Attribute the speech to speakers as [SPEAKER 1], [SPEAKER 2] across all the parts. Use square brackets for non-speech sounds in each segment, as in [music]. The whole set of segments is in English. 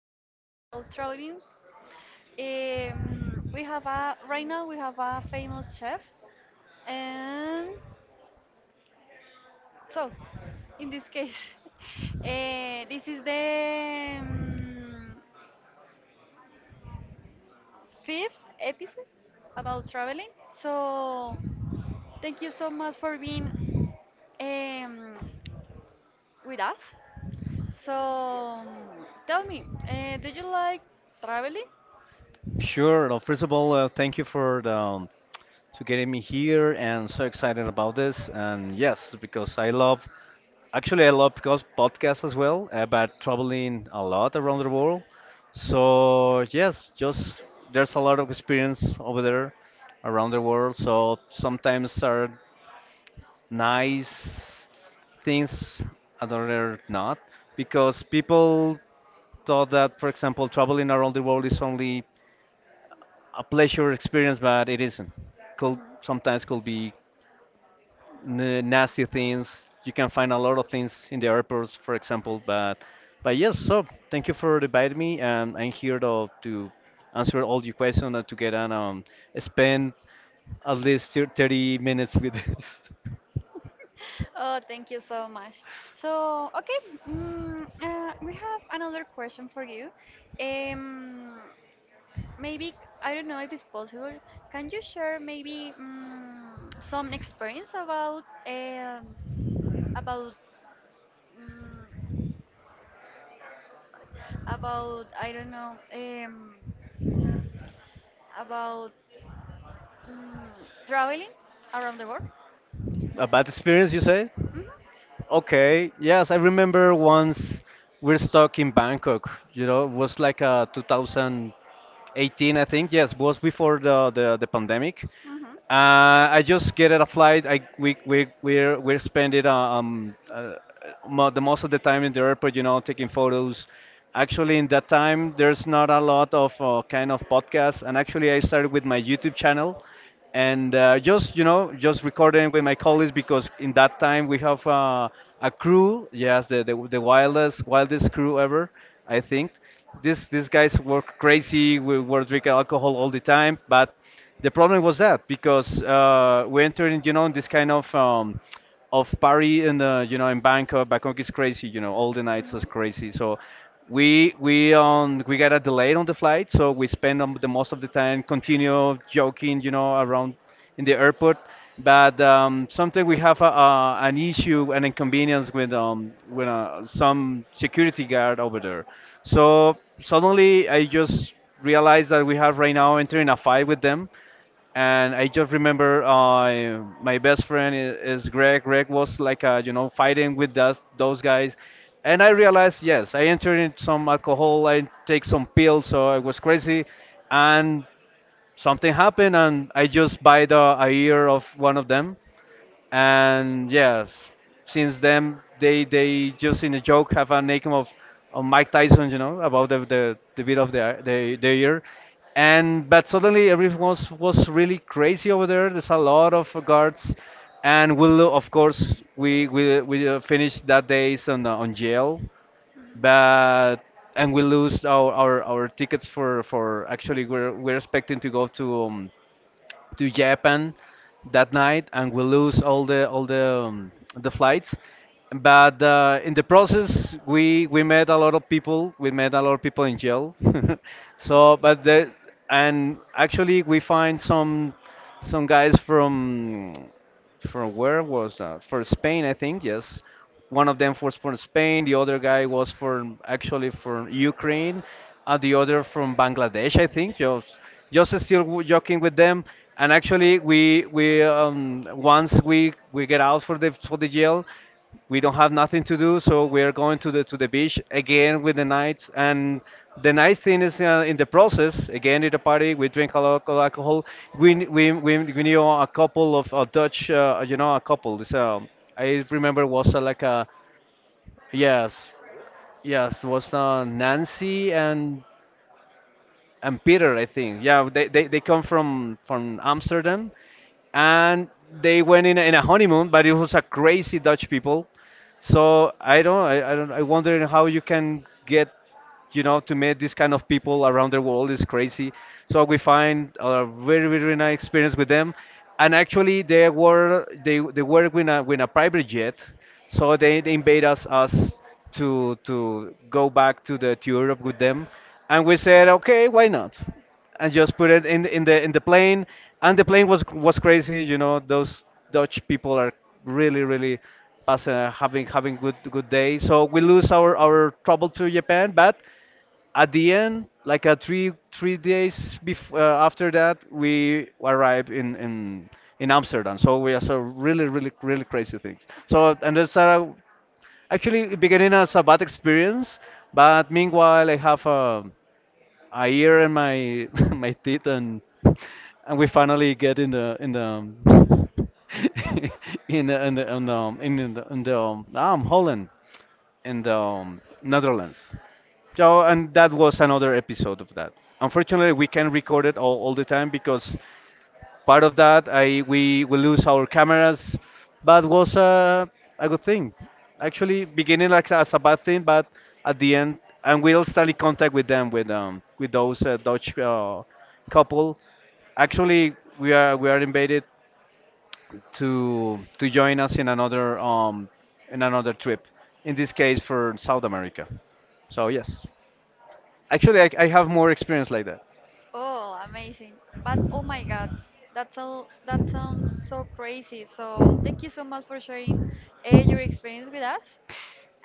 [SPEAKER 1] about traveling. We have a right now we have a famous chef, and so in this case, [laughs] this is the fifth episode about traveling. So thank you so much for being um, with us. So tell me, do you like traveling?
[SPEAKER 2] Sure. Well, first of all, thank you for to getting me here, and so excited about this. And yes, because I love, actually, I love because podcasts as well about traveling a lot around the world. So yes, just there's a lot of experience over there around the world. So sometimes are nice things, other not, because people thought that, for example, traveling around the world is only a pleasure experience, but it isn't. Could sometimes
[SPEAKER 1] Mhm.
[SPEAKER 2] could be nasty things. You can find a lot of things in the airports, for example. But yes, so thank you for inviting me, and I'm here to answer all your questions and to get an spend at least 30 minutes with this. [laughs]
[SPEAKER 1] Oh, thank you so much. So, okay, we have another question for you. Um, maybe, I don't know if it's possible, can you share maybe some experience about, about, mm, about I don't know, about mm, traveling around the world?
[SPEAKER 2] A bad experience, you say?
[SPEAKER 1] Mm-hmm.
[SPEAKER 2] Okay, yes, I remember once we're stuck in Bangkok, you know, it was like 2018, I think. Yes, was before the pandemic.
[SPEAKER 1] Mm-hmm.
[SPEAKER 2] I just get a flight. I we're spending mo the most of the time in the airport, you know, taking photos. Actually, in that time, there's not a lot of kind of podcasts, and actually, I started with my YouTube channel and just you know just recording with my colleagues because in that time we have a crew, yes, the wildest wildest crew ever, I think. This these guys were crazy. We were drinking alcohol all the time, but the problem was that because we entered in, you know, in this kind of party in the, you know, in Bangkok. Bangkok is crazy, you know, all the nights is crazy, so we got a delay on the flight, so we spend the most of the time continue joking, you know, around in the airport. But sometimes we have an issue, an inconvenience with some security guard over there. So suddenly I just realized that we have right now entering a fight with them, and I just remember my best friend is Greg. Greg was like you know, fighting with those guys, and I realized, yes, I entered in some alcohol, I take some pills, so I was crazy, and something happened, and I just bite a ear of one of them, and yes, since then they just in a joke have a nickname of Mike Tyson, you know, about the bit of the year, and but suddenly everything was really crazy over there. There's a lot of guards, and we'll, of course, we finished that days on jail, but and we lose our tickets for, actually, we're expecting to go to Japan that night, and we lose all the the flights. But in the process, we met a lot of people. We met a lot of people in jail. [laughs] So, but the and actually we find some. Some guys from where was that? For Spain, I think. Yes, one of them was from Spain. The other guy was from, actually, from Ukraine, and the other from Bangladesh, I think. Just still joking with them. And actually, we once we get out for the jail, we don't have nothing to do, so we're going to the beach again with the nights. And the nice thing is, in the process, again at the party, we drink a lot of alcohol. We kn- we knew a couple of Dutch, you know, a couple. So I remember was like a yes, yes, was Nancy and Peter, I think. Yeah, they come from Amsterdam, and they went in a honeymoon, but it was a crazy Dutch people. So I don't, I wonder how you can get, you know, to meet these kind of people around the world. Is crazy. So we find a very, very nice experience with them. And actually, they they were with a private jet, so they invite us to go back to the to Europe with them, and we said, okay, why not? And just put it in the plane, and the plane was crazy, you know, those Dutch people are really really pass, having having good good day. So we lose our trouble to Japan, but at the end, like three days after that we arrived in Amsterdam. So we are so really really really crazy things. So and that's actually it beginning as a bad experience, but meanwhile I have a ear and my [laughs] my teeth and we finally get in the [laughs] in the in the in the Holland in the Netherlands. So and that was another episode of that. Unfortunately, we can't record it all the time because part of that, I we lose our cameras, but was a good thing. Actually, beginning like as a bad thing, but at the end, and we'll still in contact with them with those Dutch couple. Actually, we are invited to join us in another trip. In this case, for South America. So yes, actually, I have more experience like that.
[SPEAKER 1] Oh, amazing. But oh my God, that's all, that sounds so crazy. So thank you so much for sharing your experience with us.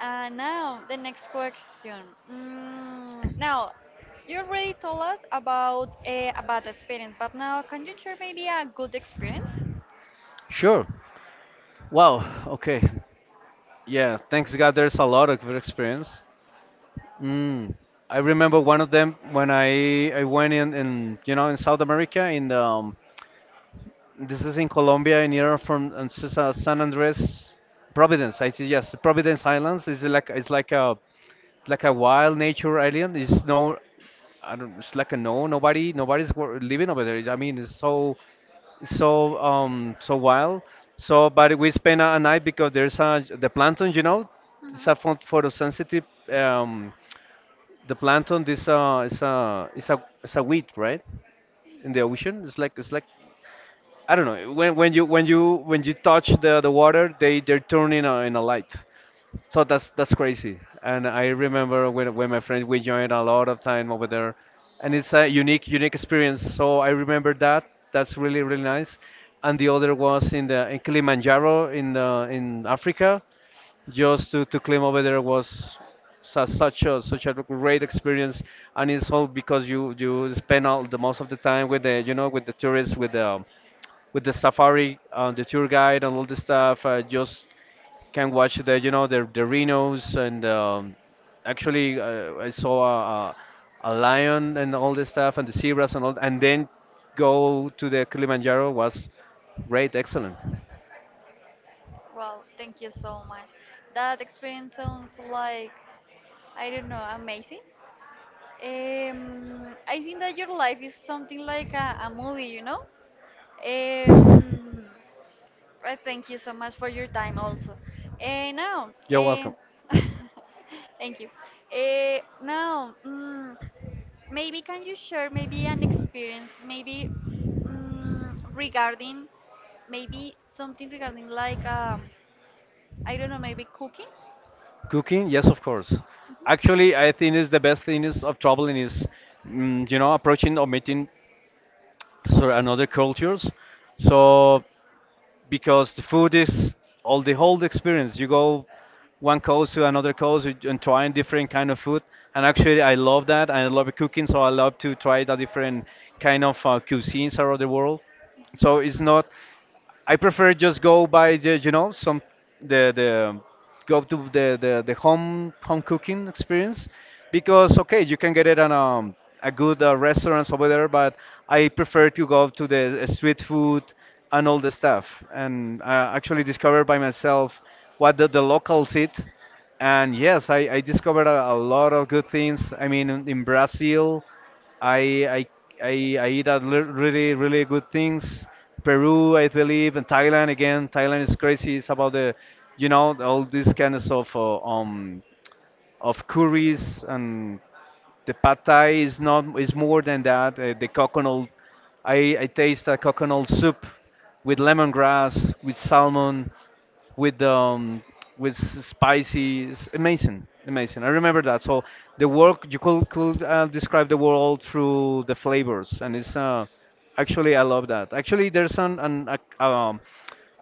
[SPEAKER 1] And now the next question. Now, you already told us about a bad experience, but now can you share maybe a good experience?
[SPEAKER 2] Sure. Wow. Okay. Yeah, thanks God, there's a lot of good experience. Mm, I remember one of them when I went in, you know, in South America in the this is in Colombia, near from San Andres, Providence. I see. Yes, Providence Islands is like, it's like a wild nature island. It's no, I don't. It's like a no. Nobody, nobody's living over there. I mean, it's so so wild. So, but we spend a night because there's a the plankton. You know,
[SPEAKER 1] Mhm.
[SPEAKER 2] it's a photosensitive um the plankton, this is a is a weed, right, in the ocean. It's like, it's like, I don't know, when when you touch the water, they they're turning a, in a light. So that's crazy, and I remember when my friends we joined a lot of time over there, and it's a unique unique experience, so I remember that. That's really really nice. And the other was in the in Kilimanjaro in the in Africa. Just to climb over there was such a such a great experience, and it's all because you spend all the most of the time with the, you know, with the tourists, with the with the safari, the tour guide, and all the stuff. I just can watch the, you know, the rhinos and actually I saw a lion and all this stuff and the zebras and all, and then go to the Kilimanjaro was great, excellent.
[SPEAKER 1] Wow, thank you so much. That experience sounds like, I don't know, amazing. I think that your life is something like a movie, you know? Um, I thank you so much for your time also. Uh, now,
[SPEAKER 2] You're
[SPEAKER 1] uh,
[SPEAKER 2] welcome.
[SPEAKER 1] [laughs] thank you. Now, maybe can you share maybe an experience, maybe regarding, maybe something regarding like I don't know, maybe cooking?
[SPEAKER 2] Cooking, yes, of course. Actually, I think is the best thing is of traveling is, mm, you know, approaching or meeting so and other cultures. So because the food is all the whole experience. You go one coast to another coast and trying different kind of food. And actually, I love that. I love cooking, so I love to try the different kind of cuisines around the world. So it's not. I prefer just go by the, you know, some the go to the home home cooking experience, because okay, you can get it on a good restaurants over there, but I prefer to go to the street food and all the stuff, and actually discover by myself what the locals eat. And yes, I discovered a lot of good things, I mean, in Brazil, I I I eat at really really good things. Peru, I believe, and Thailand again. Thailand is crazy. It's about the, you know, all this kind of stuff. Of curries and the pad thai is not is more than that. The coconut, I taste a coconut soup with lemongrass, with salmon, with um, with spicy. It's amazing, amazing. I remember that. So the work you could describe the world through the flavors, and it's actually, I love that. Actually, there's a, um,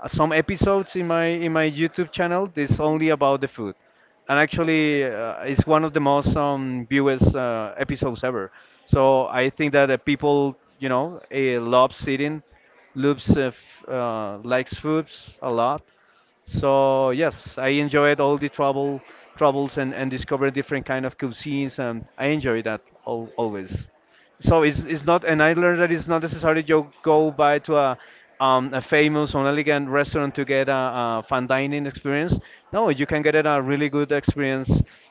[SPEAKER 2] some episodes in my YouTube channel. It's only about the food, and actually, it's one of the most viewed episodes ever. So I think that the people, loves eating, loves f likes foods a lot. So yes, I enjoyed all the travels and discover different kind of cuisines and I enjoy that al always. So it's not and I learned that it's not necessary you go by to a famous or elegant restaurant to get a fine dining experience. No, you can get it a really good experience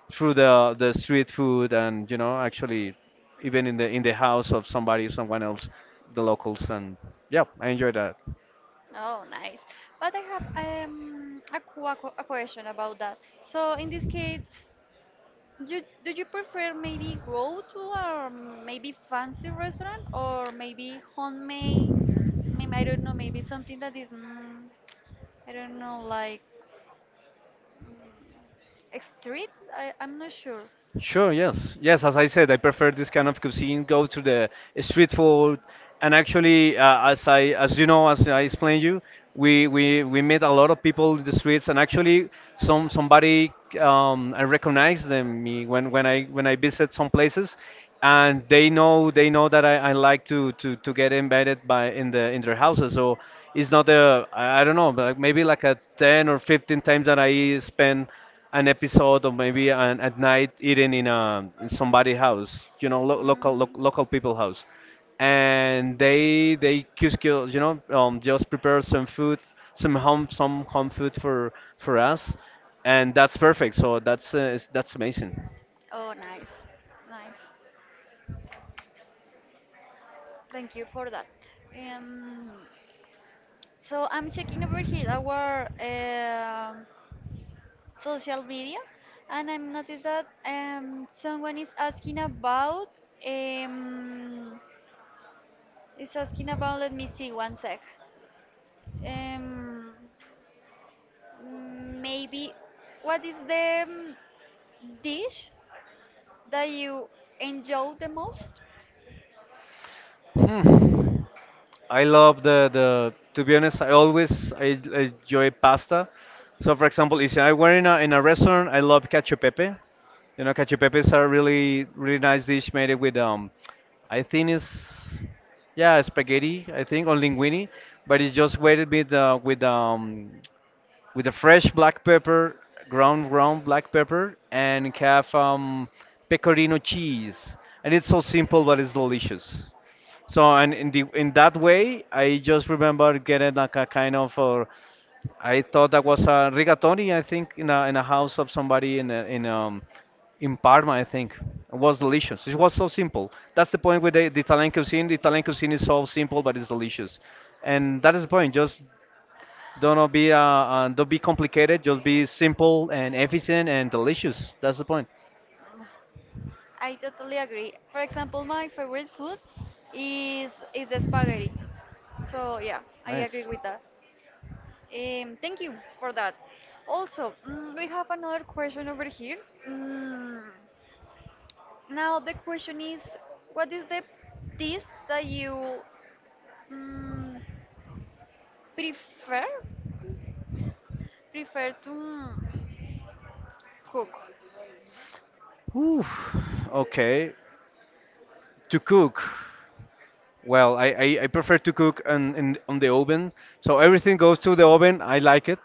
[SPEAKER 2] through the street food, and you know, actually even in the house of somebody someone else, the locals, and yeah, I enjoy that.
[SPEAKER 1] Oh, nice. But I have a question about that. So in this case, you, do you prefer maybe go to a maybe fancy restaurant or maybe homemade? Maybe, I don't know, maybe something that is, I don't know, like mm, street? I'm not sure.
[SPEAKER 2] Sure, yes. Yes, as I said, I prefer this kind of cuisine, go to the street food. And actually, as you know, as I explained you, we met a lot of people in the streets, and actually, somebody I recognized them me when, when I visit some places, and they know that I like to get invited by in their houses. So it's not a, I don't know, but maybe like a 10 or 15 times that I spend an episode, or maybe an, at night eating in a, in somebody house, you know, local people house, and they just kill, you know, just prepare some food, some home food for us, and that's perfect. So that's amazing.
[SPEAKER 1] Oh, nice, nice. Thank you for that. Um, so I'm checking over here our social media, and I'm noticed that someone is asking about um, is asking about. Let me see one sec. Um, maybe what is the dish that you enjoy the most?
[SPEAKER 2] Hmm. I love the the. To be honest, I always I enjoy pasta. So, for example, if I were in a, in a restaurant, I love cacio e pepe. You know, cacio e pepe is a really, really nice dish made it with I think it's, yeah, spaghetti. I think, or linguine, but it's just weighted with with a fresh black pepper, ground black pepper, and have pecorino cheese. And it's so simple, but it's delicious. So, and in the in that way, I just remember getting like a kind of I thought that was a rigatoni. I think in a house of somebody in a, in Parma. I think it was delicious. It was so simple. That's the point with the Italian cuisine. The Italian cuisine is so simple, but it's delicious, and that is the point. Just don't be complicated. Just be simple and efficient and delicious. That's the point.
[SPEAKER 1] Mm, I totally agree. For example, my favorite food is the spaghetti. So yeah, I agree
[SPEAKER 2] Nice.
[SPEAKER 1] with that. Thank you for that. Also, we have another question over here. Mm, now the question is, what is the dish that you mm, prefer prefer to cook?
[SPEAKER 2] Ooh, okay. To cook. Well, I prefer to cook on, in, on the oven. So everything goes to the oven. I like it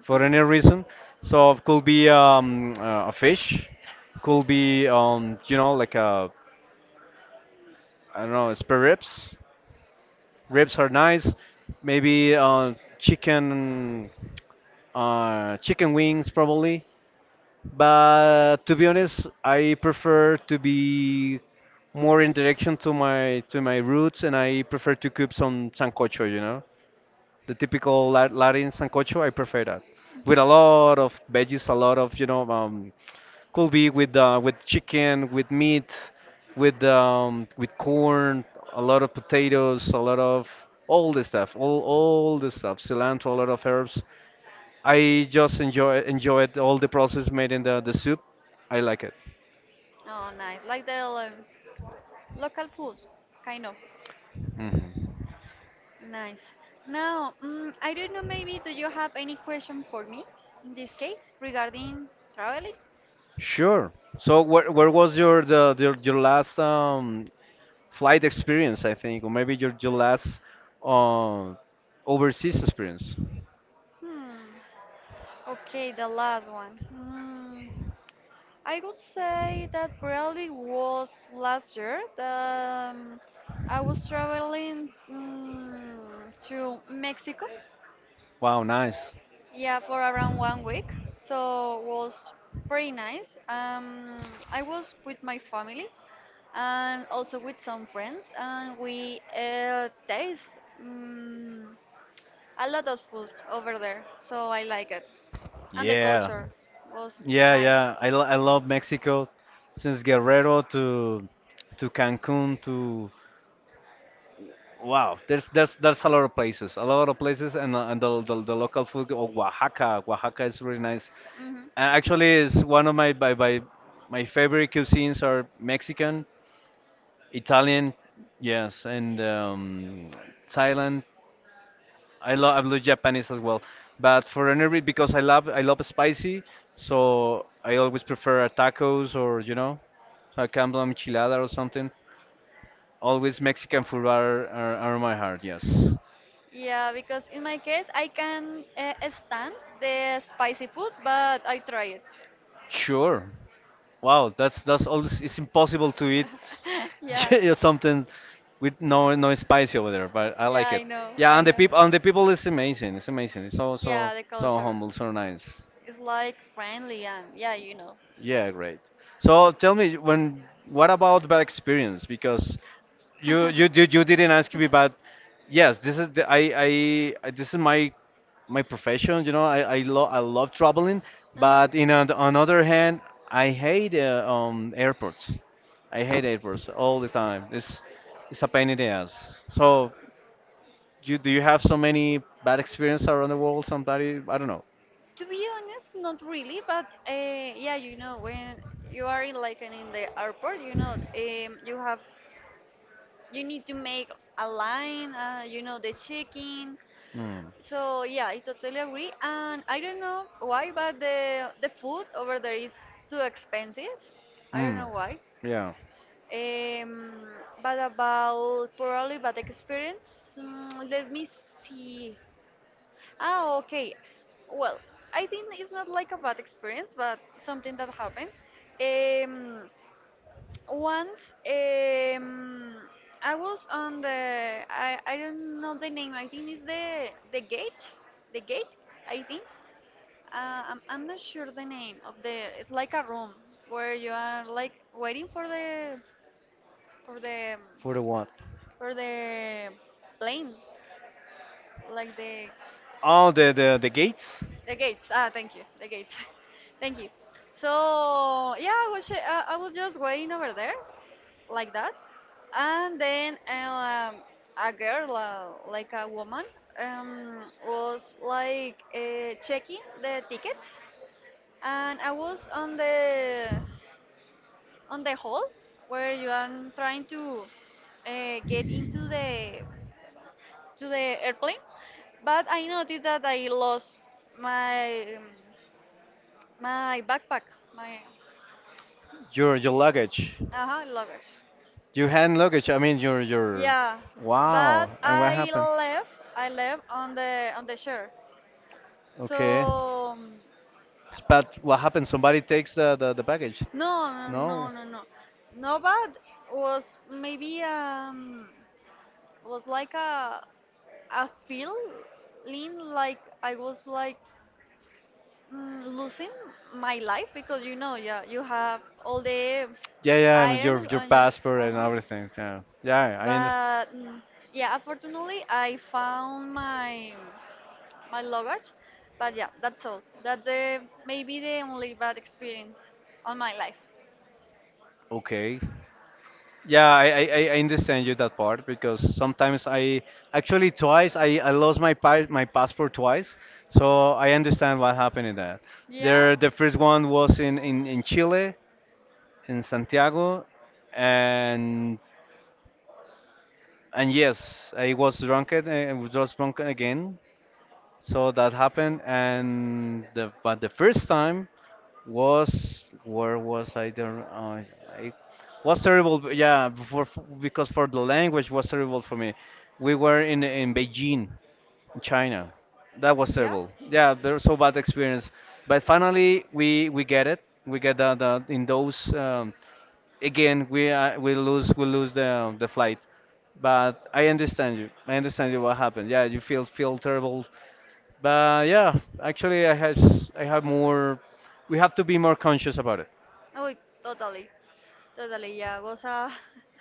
[SPEAKER 2] for any reason. So it could be a fish, could be, you know, like a, I don't know, spare ribs. Ribs are nice. Maybe chicken wings probably. But to be honest, I prefer to be more in direction to my, to my roots, and I prefer to cook some sancocho, you know. The typical La- Latin sancocho. I prefer that with a lot of veggies, a lot of, you know, could be with chicken, with meat, with corn, a lot of potatoes, a lot of all the stuff, all the stuff, cilantro, a lot of herbs. I just enjoyed all the process made in the soup. I like it.
[SPEAKER 1] Oh, nice, like the local food, kind of.
[SPEAKER 2] Hmm.
[SPEAKER 1] Nice. Now, I don't know. Maybe do you have any question for me in this case regarding traveling?
[SPEAKER 2] Sure. So where was your the your last flight experience, I think, or maybe your last uh, overseas experience.
[SPEAKER 1] Hmm. Okay, the last one. Hmm. I would say that probably was last year that I was traveling to Mexico.
[SPEAKER 2] Wow, nice.
[SPEAKER 1] Yeah, for around one week. So was pretty nice. I was with my family and also with some friends, and we taste mm a lot of food over there. So I like it, and the
[SPEAKER 2] Yeah,
[SPEAKER 1] culture was
[SPEAKER 2] yeah,
[SPEAKER 1] nice.
[SPEAKER 2] yeah. I, lo- I love Mexico, since Guerrero to Cancun to, wow. There's a lot of places, a lot of places, and the local food of Oaxaca. Oaxaca is really nice.
[SPEAKER 1] Hmm.
[SPEAKER 2] And actually, is one of my by my favorite cuisines are Mexican, Italian, yes, and Thailand. I love, I love Japanese as well, but for any reason, because I love spicy, so I always prefer a tacos, or you know, a campo enchilada or something. Always Mexican food are my heart. Yes,
[SPEAKER 1] Yeah, because in my case, I can stand the spicy food, but I try it.
[SPEAKER 2] sure. Wow, that's always, it's impossible to eat
[SPEAKER 1] [laughs]
[SPEAKER 2] [laughs]
[SPEAKER 1] Yeah,
[SPEAKER 2] yeah, something with no spicy over there, but I
[SPEAKER 1] yeah,
[SPEAKER 2] like it.
[SPEAKER 1] I know,
[SPEAKER 2] Yeah,
[SPEAKER 1] I
[SPEAKER 2] and
[SPEAKER 1] know.
[SPEAKER 2] the people is amazing. It's amazing. It's so, so,
[SPEAKER 1] Yeah, the
[SPEAKER 2] so
[SPEAKER 1] culture
[SPEAKER 2] humble, so nice.
[SPEAKER 1] is like friendly and yeah, you know.
[SPEAKER 2] Yeah, great. So tell me, when, what about bad experience? Because you didn't ask me,
[SPEAKER 1] [laughs]
[SPEAKER 2] but yes, this
[SPEAKER 1] [laughs]
[SPEAKER 2] is the, this is my my profession, you know. I love traveling,
[SPEAKER 1] Uh huh.
[SPEAKER 2] but in on the on other hand, I hate
[SPEAKER 1] um,
[SPEAKER 2] airports. I hate airports all the time. It's a pain in the ass. So, you, do you have so many bad experience around the world? Somebody, I don't know.
[SPEAKER 1] To be honest, not really, but yeah, you know, when you are in like an, in the airport, you know, you have you need to make a line, you know, the check-in.
[SPEAKER 2] Mm.
[SPEAKER 1] So yeah, I totally agree. And I don't know why, but the food over there is too expensive. I don't
[SPEAKER 2] Mm.
[SPEAKER 1] know why.
[SPEAKER 2] Yeah.
[SPEAKER 1] Um, but about probably bad experience, let me see. Ah, okay. Well, I think it's not like a bad experience, but something that happened. Um, once I was on the I don't know the name. I think it's the gate, the gate. I think. I'm not sure the name of the. It's like a room where you are like waiting for the for the
[SPEAKER 2] For the what?
[SPEAKER 1] for the plane, like
[SPEAKER 2] Oh, the gates?
[SPEAKER 1] the gates. Ah, thank you, the gates. [laughs] Thank you. So yeah, I was just waiting over there like that, and then a girl, like a woman, um, was like checking the tickets, and I was on the whole where you are trying to get into the to the airplane, but I noticed that I lost my my backpack my
[SPEAKER 2] Your luggage.
[SPEAKER 1] uh luggage.
[SPEAKER 2] Your hand luggage. I mean your your.
[SPEAKER 1] Yeah, but
[SPEAKER 2] Wow. And what
[SPEAKER 1] I
[SPEAKER 2] happened?
[SPEAKER 1] left, I left on the shore,
[SPEAKER 2] Okay.
[SPEAKER 1] so
[SPEAKER 2] S- But what happened? Somebody takes the baggage.
[SPEAKER 1] no, no, no,
[SPEAKER 2] No.
[SPEAKER 1] no, no. No but was maybe was like a I feel lean like I was like losing my life because you know, yeah, you have all the
[SPEAKER 2] Yeah, yeah, I mean,
[SPEAKER 1] items
[SPEAKER 2] your
[SPEAKER 1] on you.
[SPEAKER 2] passport and
[SPEAKER 1] Uh-huh.
[SPEAKER 2] everything. Yeah. Yeah, I under.
[SPEAKER 1] But yeah, unfortunately, I found my my luggage. But yeah, that's all. That's the maybe the only bad experience on my life.
[SPEAKER 2] Okay. Yeah, I understand you that part, because sometimes I, actually twice, I lost my passport twice, so I understand what happened in that.
[SPEAKER 1] Yeah.
[SPEAKER 2] There, the first one was in Chile, in Santiago, and and yes, I was drunk and I was drunk again, so that happened, and the, but the first time was where was I there? I was terrible. B- Yeah, for f- because for the language was terrible for me. We were in Beijing, in China. That was
[SPEAKER 1] Yeah.
[SPEAKER 2] terrible. Yeah, there's so bad experience. But finally, we get it. We get the, in those again we lose, we lose the flight. But I understand you. I understand you what happened. Yeah, you feel terrible, but yeah, actually, I has I have more. We have to be more conscious about it.
[SPEAKER 1] Oh, totally. Totally, yeah. Was a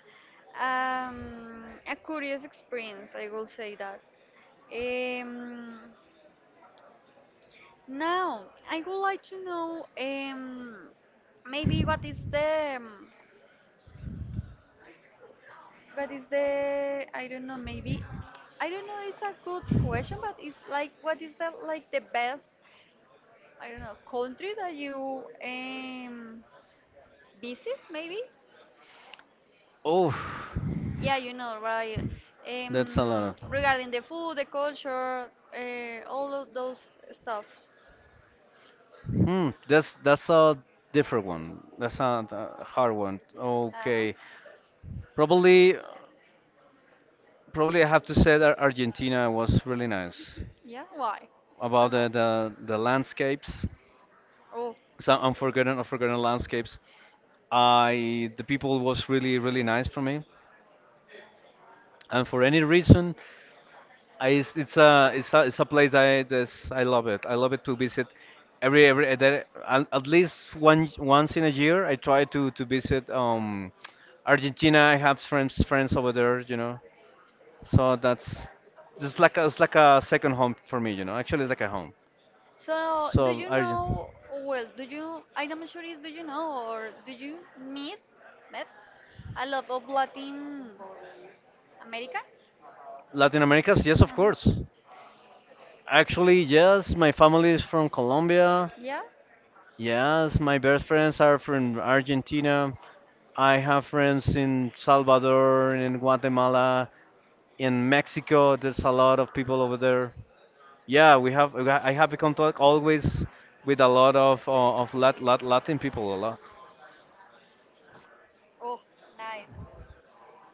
[SPEAKER 1] [laughs] a curious experience, I will say that. Um, now, I would like to know maybe what is the I don't know maybe I don't know. It's a good question, but it's like what is the like the best I don't know, country that you visit, maybe?
[SPEAKER 2] Oh,
[SPEAKER 1] Yeah, you know, right?
[SPEAKER 2] that's
[SPEAKER 1] Um,
[SPEAKER 2] a lot.
[SPEAKER 1] regarding the food, the culture, all of those stuff.
[SPEAKER 2] Hmm, that's a different one. That's not a hard one.
[SPEAKER 1] Uh-huh.
[SPEAKER 2] Okay, probably, probably I have to say that Argentina was really nice
[SPEAKER 1] Yeah, why?
[SPEAKER 2] about
[SPEAKER 1] Tell us.
[SPEAKER 2] the landscapes,
[SPEAKER 1] Oh,
[SPEAKER 2] some unforgotten landscapes. I, the people was really, really nice for me, and for any reason. I, it's a, place I, this I love it. I love it to visit every at least one once in a year. I try to visit Argentina. I have friends over there, you know. So that's, it's like a second home for me, you know. Actually, it's like a home.
[SPEAKER 1] so do
[SPEAKER 2] So
[SPEAKER 1] you
[SPEAKER 2] Argentina,
[SPEAKER 1] know? Well, do you? I'm not sure is do you know or do you meet met a lot of Latin Americans?
[SPEAKER 2] Latin America, yes, of
[SPEAKER 1] Huh.
[SPEAKER 2] course. Actually, yes, my family is from Colombia.
[SPEAKER 1] Yeah.
[SPEAKER 2] Yes, my best friends are from Argentina. I have friends in Salvador, in Guatemala, in Mexico. There's a lot of people over there. Yeah, we have. I have contact always with a lot of Latin people a lot.
[SPEAKER 1] Oh, nice.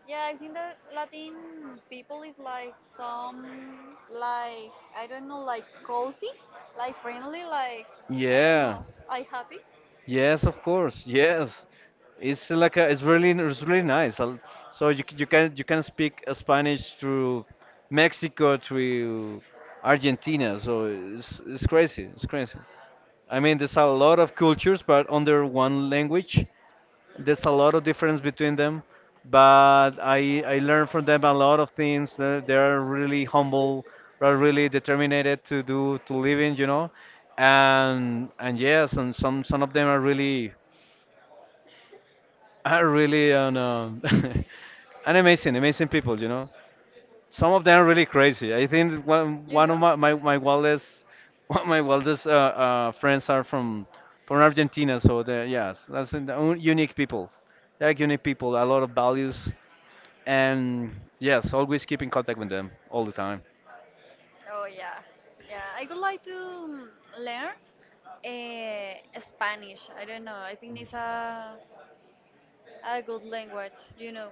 [SPEAKER 1] Yeah, I think that Latin people is like some like I don't know like cozy, like friendly, like I don't
[SPEAKER 2] Yeah.
[SPEAKER 1] know, like happy.
[SPEAKER 2] Yes, of course. Yes. It's like a, it's really, it's really nice. I'll- So you c- you can, you can speak Spanish through Mexico through Argentina. So it's crazy. It's crazy. I mean, there's a lot of cultures, but under one language, there's a lot of difference between them, but I learned from them a lot of things. They're really humble, are really determined to do to live in, you know, and yes, and some of them are really, are really an, [laughs] an amazing, amazing people, you know. Some of them are really crazy. I think
[SPEAKER 1] You
[SPEAKER 2] one of
[SPEAKER 1] know?
[SPEAKER 2] my wildest, [laughs] one of my wildest friends are from Argentina. So they're, yes, that's an- un- unique people. They're unique people. A lot of values, and yes, always keep in contact with them all the time.
[SPEAKER 1] Oh yeah, yeah. I would like to mm, learn Spanish. I don't know. I think it's a good language, you know.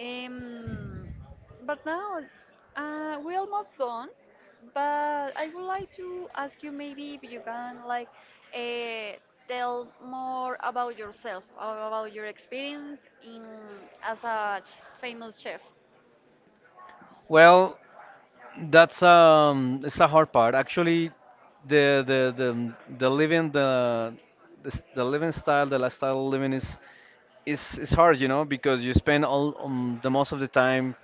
[SPEAKER 1] Um, but now we almost done. But I would like to ask you maybe if you can like uh, tell more about yourself, or about your experience in as a ch- famous chef.
[SPEAKER 2] Well, that's it's a hard part. Actually, the living the living style, the lifestyle living is, is hard, you know, because you spend all the most of the time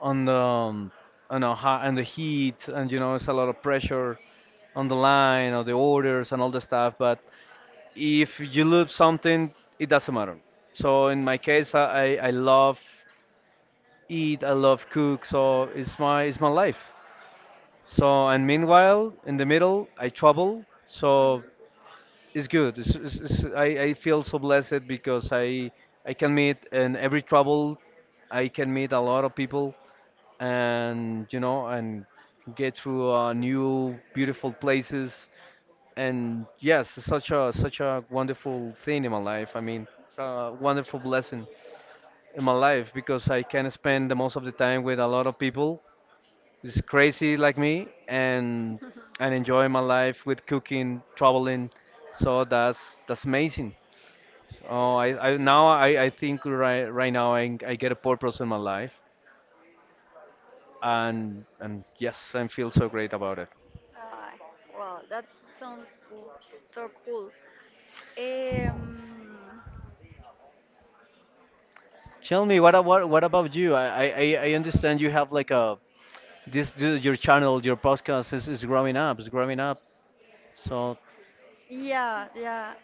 [SPEAKER 2] on the um, on the hot and the heat, and you know, it's a lot of pressure on the line or the orders and all the stuff. But if you lose something, it doesn't matter. So in my case, I love eat, I love cook, so it's my, it's my life. So and meanwhile, in the middle, I travel, so it's good. It's I feel so blessed because I can meet in every travel, I can meet a lot of people and you know and get through new beautiful places, and yes, it's such a wonderful thing in my life. I mean, it's a wonderful blessing in my life because I can spend the most of the time with a lot of people. It's crazy, like me, and enjoy my life with cooking, traveling. So that's amazing.
[SPEAKER 1] Mhm. [laughs]
[SPEAKER 2] Oh, I think right now, I get a purpose in my life, and yes, I feel so great about it.
[SPEAKER 1] Uh, well, that sounds cool. So cool. Um,
[SPEAKER 2] Tell me, what about you? I understand you have like a your channel, your podcast is growing up, is growing up. So
[SPEAKER 1] yeah, yeah.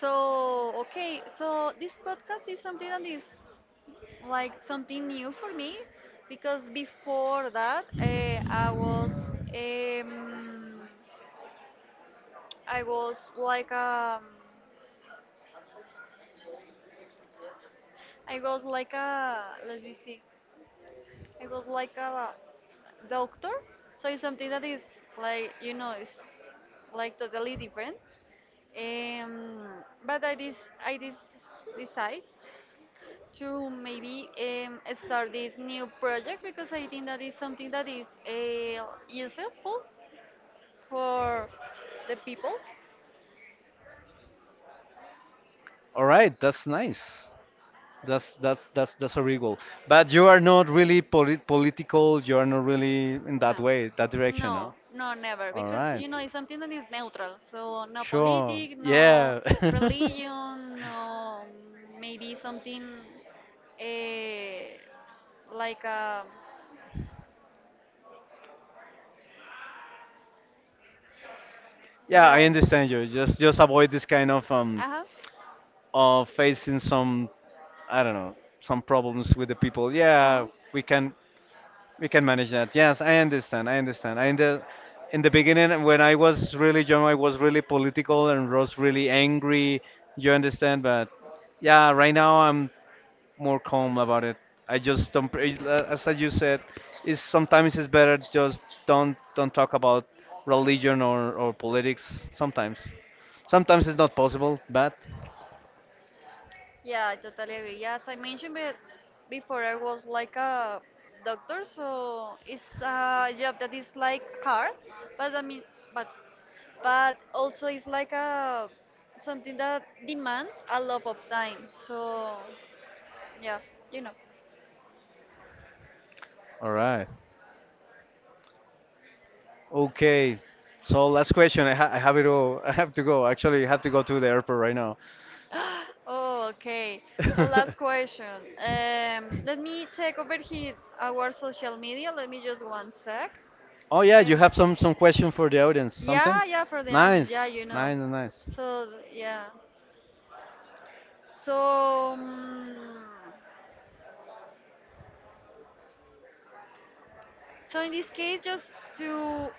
[SPEAKER 1] So, okay, so this podcast is something that is like something new for me because before that, um, I was like um, I was like a let me see. It was like a doctor, so it's something that is like you know it's like totally different. Um, but I dis decide to maybe start this new project because I think that is something that is useful for the people.
[SPEAKER 2] all right, that's nice. That's a regal. But you are not really political. You are not really in that
[SPEAKER 1] No,
[SPEAKER 2] way, that direction, no?
[SPEAKER 1] no, no, never,
[SPEAKER 2] All
[SPEAKER 1] because
[SPEAKER 2] right.
[SPEAKER 1] you know it's something that is neutral. So no
[SPEAKER 2] Sure.
[SPEAKER 1] politic, no
[SPEAKER 2] Yeah. [laughs]
[SPEAKER 1] religion, no maybe something eh, like a
[SPEAKER 2] Yeah, I
[SPEAKER 1] like.
[SPEAKER 2] understand you. Just avoid this kind
[SPEAKER 1] Uh huh.
[SPEAKER 2] of facing some, I don't know, some problems with the people.
[SPEAKER 1] Uh huh.
[SPEAKER 2] Yeah, we can, we can manage that. Yes, I understand. I understand. I in the beginning, when I was really young, I was really political and was really angry. You understand? But yeah, right now I'm more calm about it. I just don't. As you said, is sometimes it's better just don't talk about religion or politics. Sometimes, sometimes it's not possible. But
[SPEAKER 1] Yeah, I totally agree. Yeah, as I mentioned before, I was like a doctor, so it's a job that is like hard, but I mean, but but also it's like a something that demands a lot of time. So yeah, you know.
[SPEAKER 2] all right. Okay. So last question. I have it all. [laughs] I have to go. Actually, I have to go to the airport right now.
[SPEAKER 1] [gasps] Oh, okay. So last question. Let me check over here our social media. Let me just one sec.
[SPEAKER 2] [laughs] Oh yeah,
[SPEAKER 1] Eh,
[SPEAKER 2] you have some question for the audience. Something
[SPEAKER 1] yeah, yeah, for the audience. Yeah,
[SPEAKER 2] nice,
[SPEAKER 1] you know.
[SPEAKER 2] nice, nice.
[SPEAKER 1] So yeah. So, so in this case, just to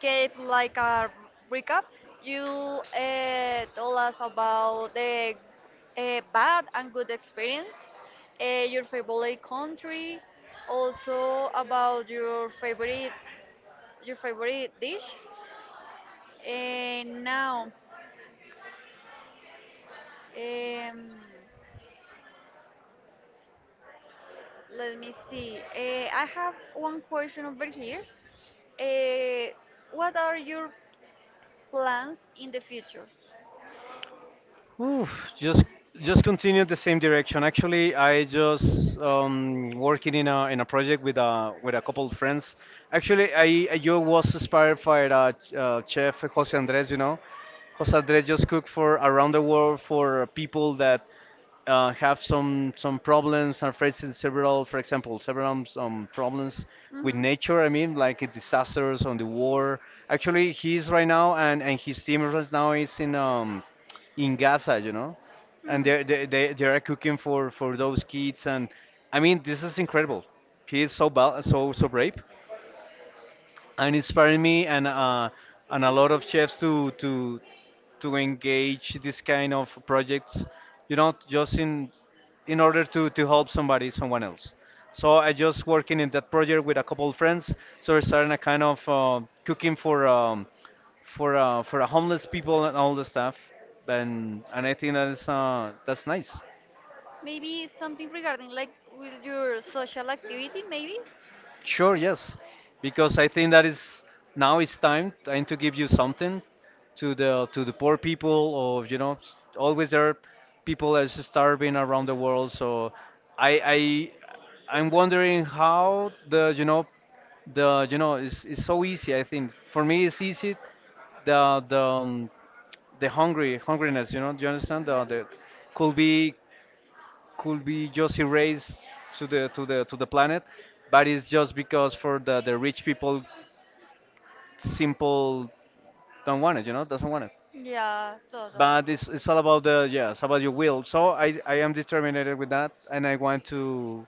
[SPEAKER 1] give like a recap, you told us about the bad and good experience, your favorite country, also about your favorite dish. And now, um, let me see. I have one question over here. Uh, what are your plans in the future.
[SPEAKER 2] Oof, just just continue the same direction. Actually, I just working in a project with a couple of friends. Actually, I just was inspired by chef Jose Andres. You know, Jose Andres just cooked for around the world for people that have some problems and facing several, for example, several problems with
[SPEAKER 1] Mhm.
[SPEAKER 2] nature. I mean, like disasters on the war. Actually, he's right now, and his team right now is in Gaza, you know, and
[SPEAKER 1] Hmm.
[SPEAKER 2] they are cooking for those kids. And I mean, this is incredible. He is so bal so so brave and inspiring me, and a lot of chefs to engage this kind of projects, you know, just in order to help somebody, someone else. So I just working in that project with a couple of friends. So we're starting a kind of cooking for a homeless people and all the stuff. And I think that is that's nice.
[SPEAKER 1] Maybe something regarding like with your social activity, maybe?
[SPEAKER 2] Sure, yes, because I think that is now it's time to give you something, to the poor people of, you know, always there are people that is starving around the world. So I I'm wondering how the, you know, the, you know, it's so easy. I think for me it's easy, the the um, the hungry hungriness. You know, do you understand?
[SPEAKER 1] Yeah.
[SPEAKER 2] The could be, could be just erased to the to the to the planet, but it's just because for the rich people, simple don't want it, you know, doesn't want it.
[SPEAKER 1] Yeah, totally.
[SPEAKER 2] But it's all about the, yeah, it's about your will. So I am determined with that, and I want to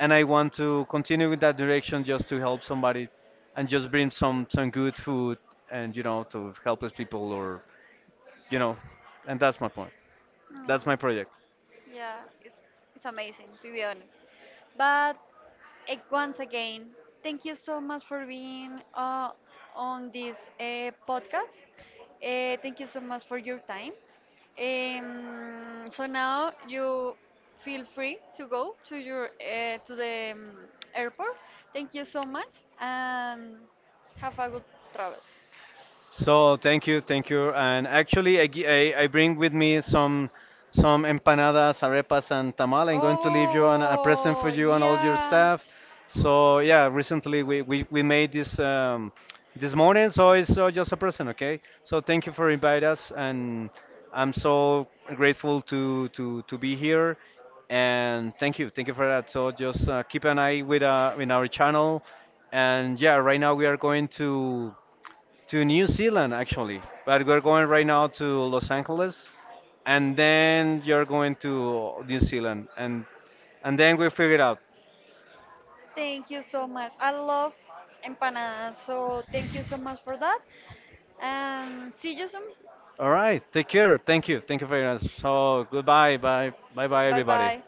[SPEAKER 2] and I want to continue with that direction, just to help somebody, and just bring some good food, and you know, to helpless people or, you know, and that's my point. That's
[SPEAKER 1] Yeah.
[SPEAKER 2] my project.
[SPEAKER 1] Yeah, it's amazing, to be honest. But once again, thank you so much for being on this podcast. Thank you so much for your time. So now you feel free to go to your to the airport. Thank you so much and have a good travel.
[SPEAKER 2] So thank you, thank you. And actually, I bring with me some empanadas, arepas, and tamal. I'm going to leave you a present for
[SPEAKER 1] Oh,
[SPEAKER 2] you and all your
[SPEAKER 1] yeah.
[SPEAKER 2] staff. So yeah, recently we made this this morning, so it's just a present, okay? So thank you for inviting us, and I'm so grateful to be here. And thank you for that. So just keep an eye with in our channel. And yeah, right now we are going to New Zealand, actually, but we're going right now to Los Angeles, and then you're going to New Zealand, and then we figure it out.
[SPEAKER 1] Thank you so much. I love empanadas. So thank you so much for that. And see you soon.
[SPEAKER 2] All right, take care. Thank you. Thank you very much. So goodbye. Bye. Bye. Bye.
[SPEAKER 1] Bye
[SPEAKER 2] Everybody.
[SPEAKER 1] bye.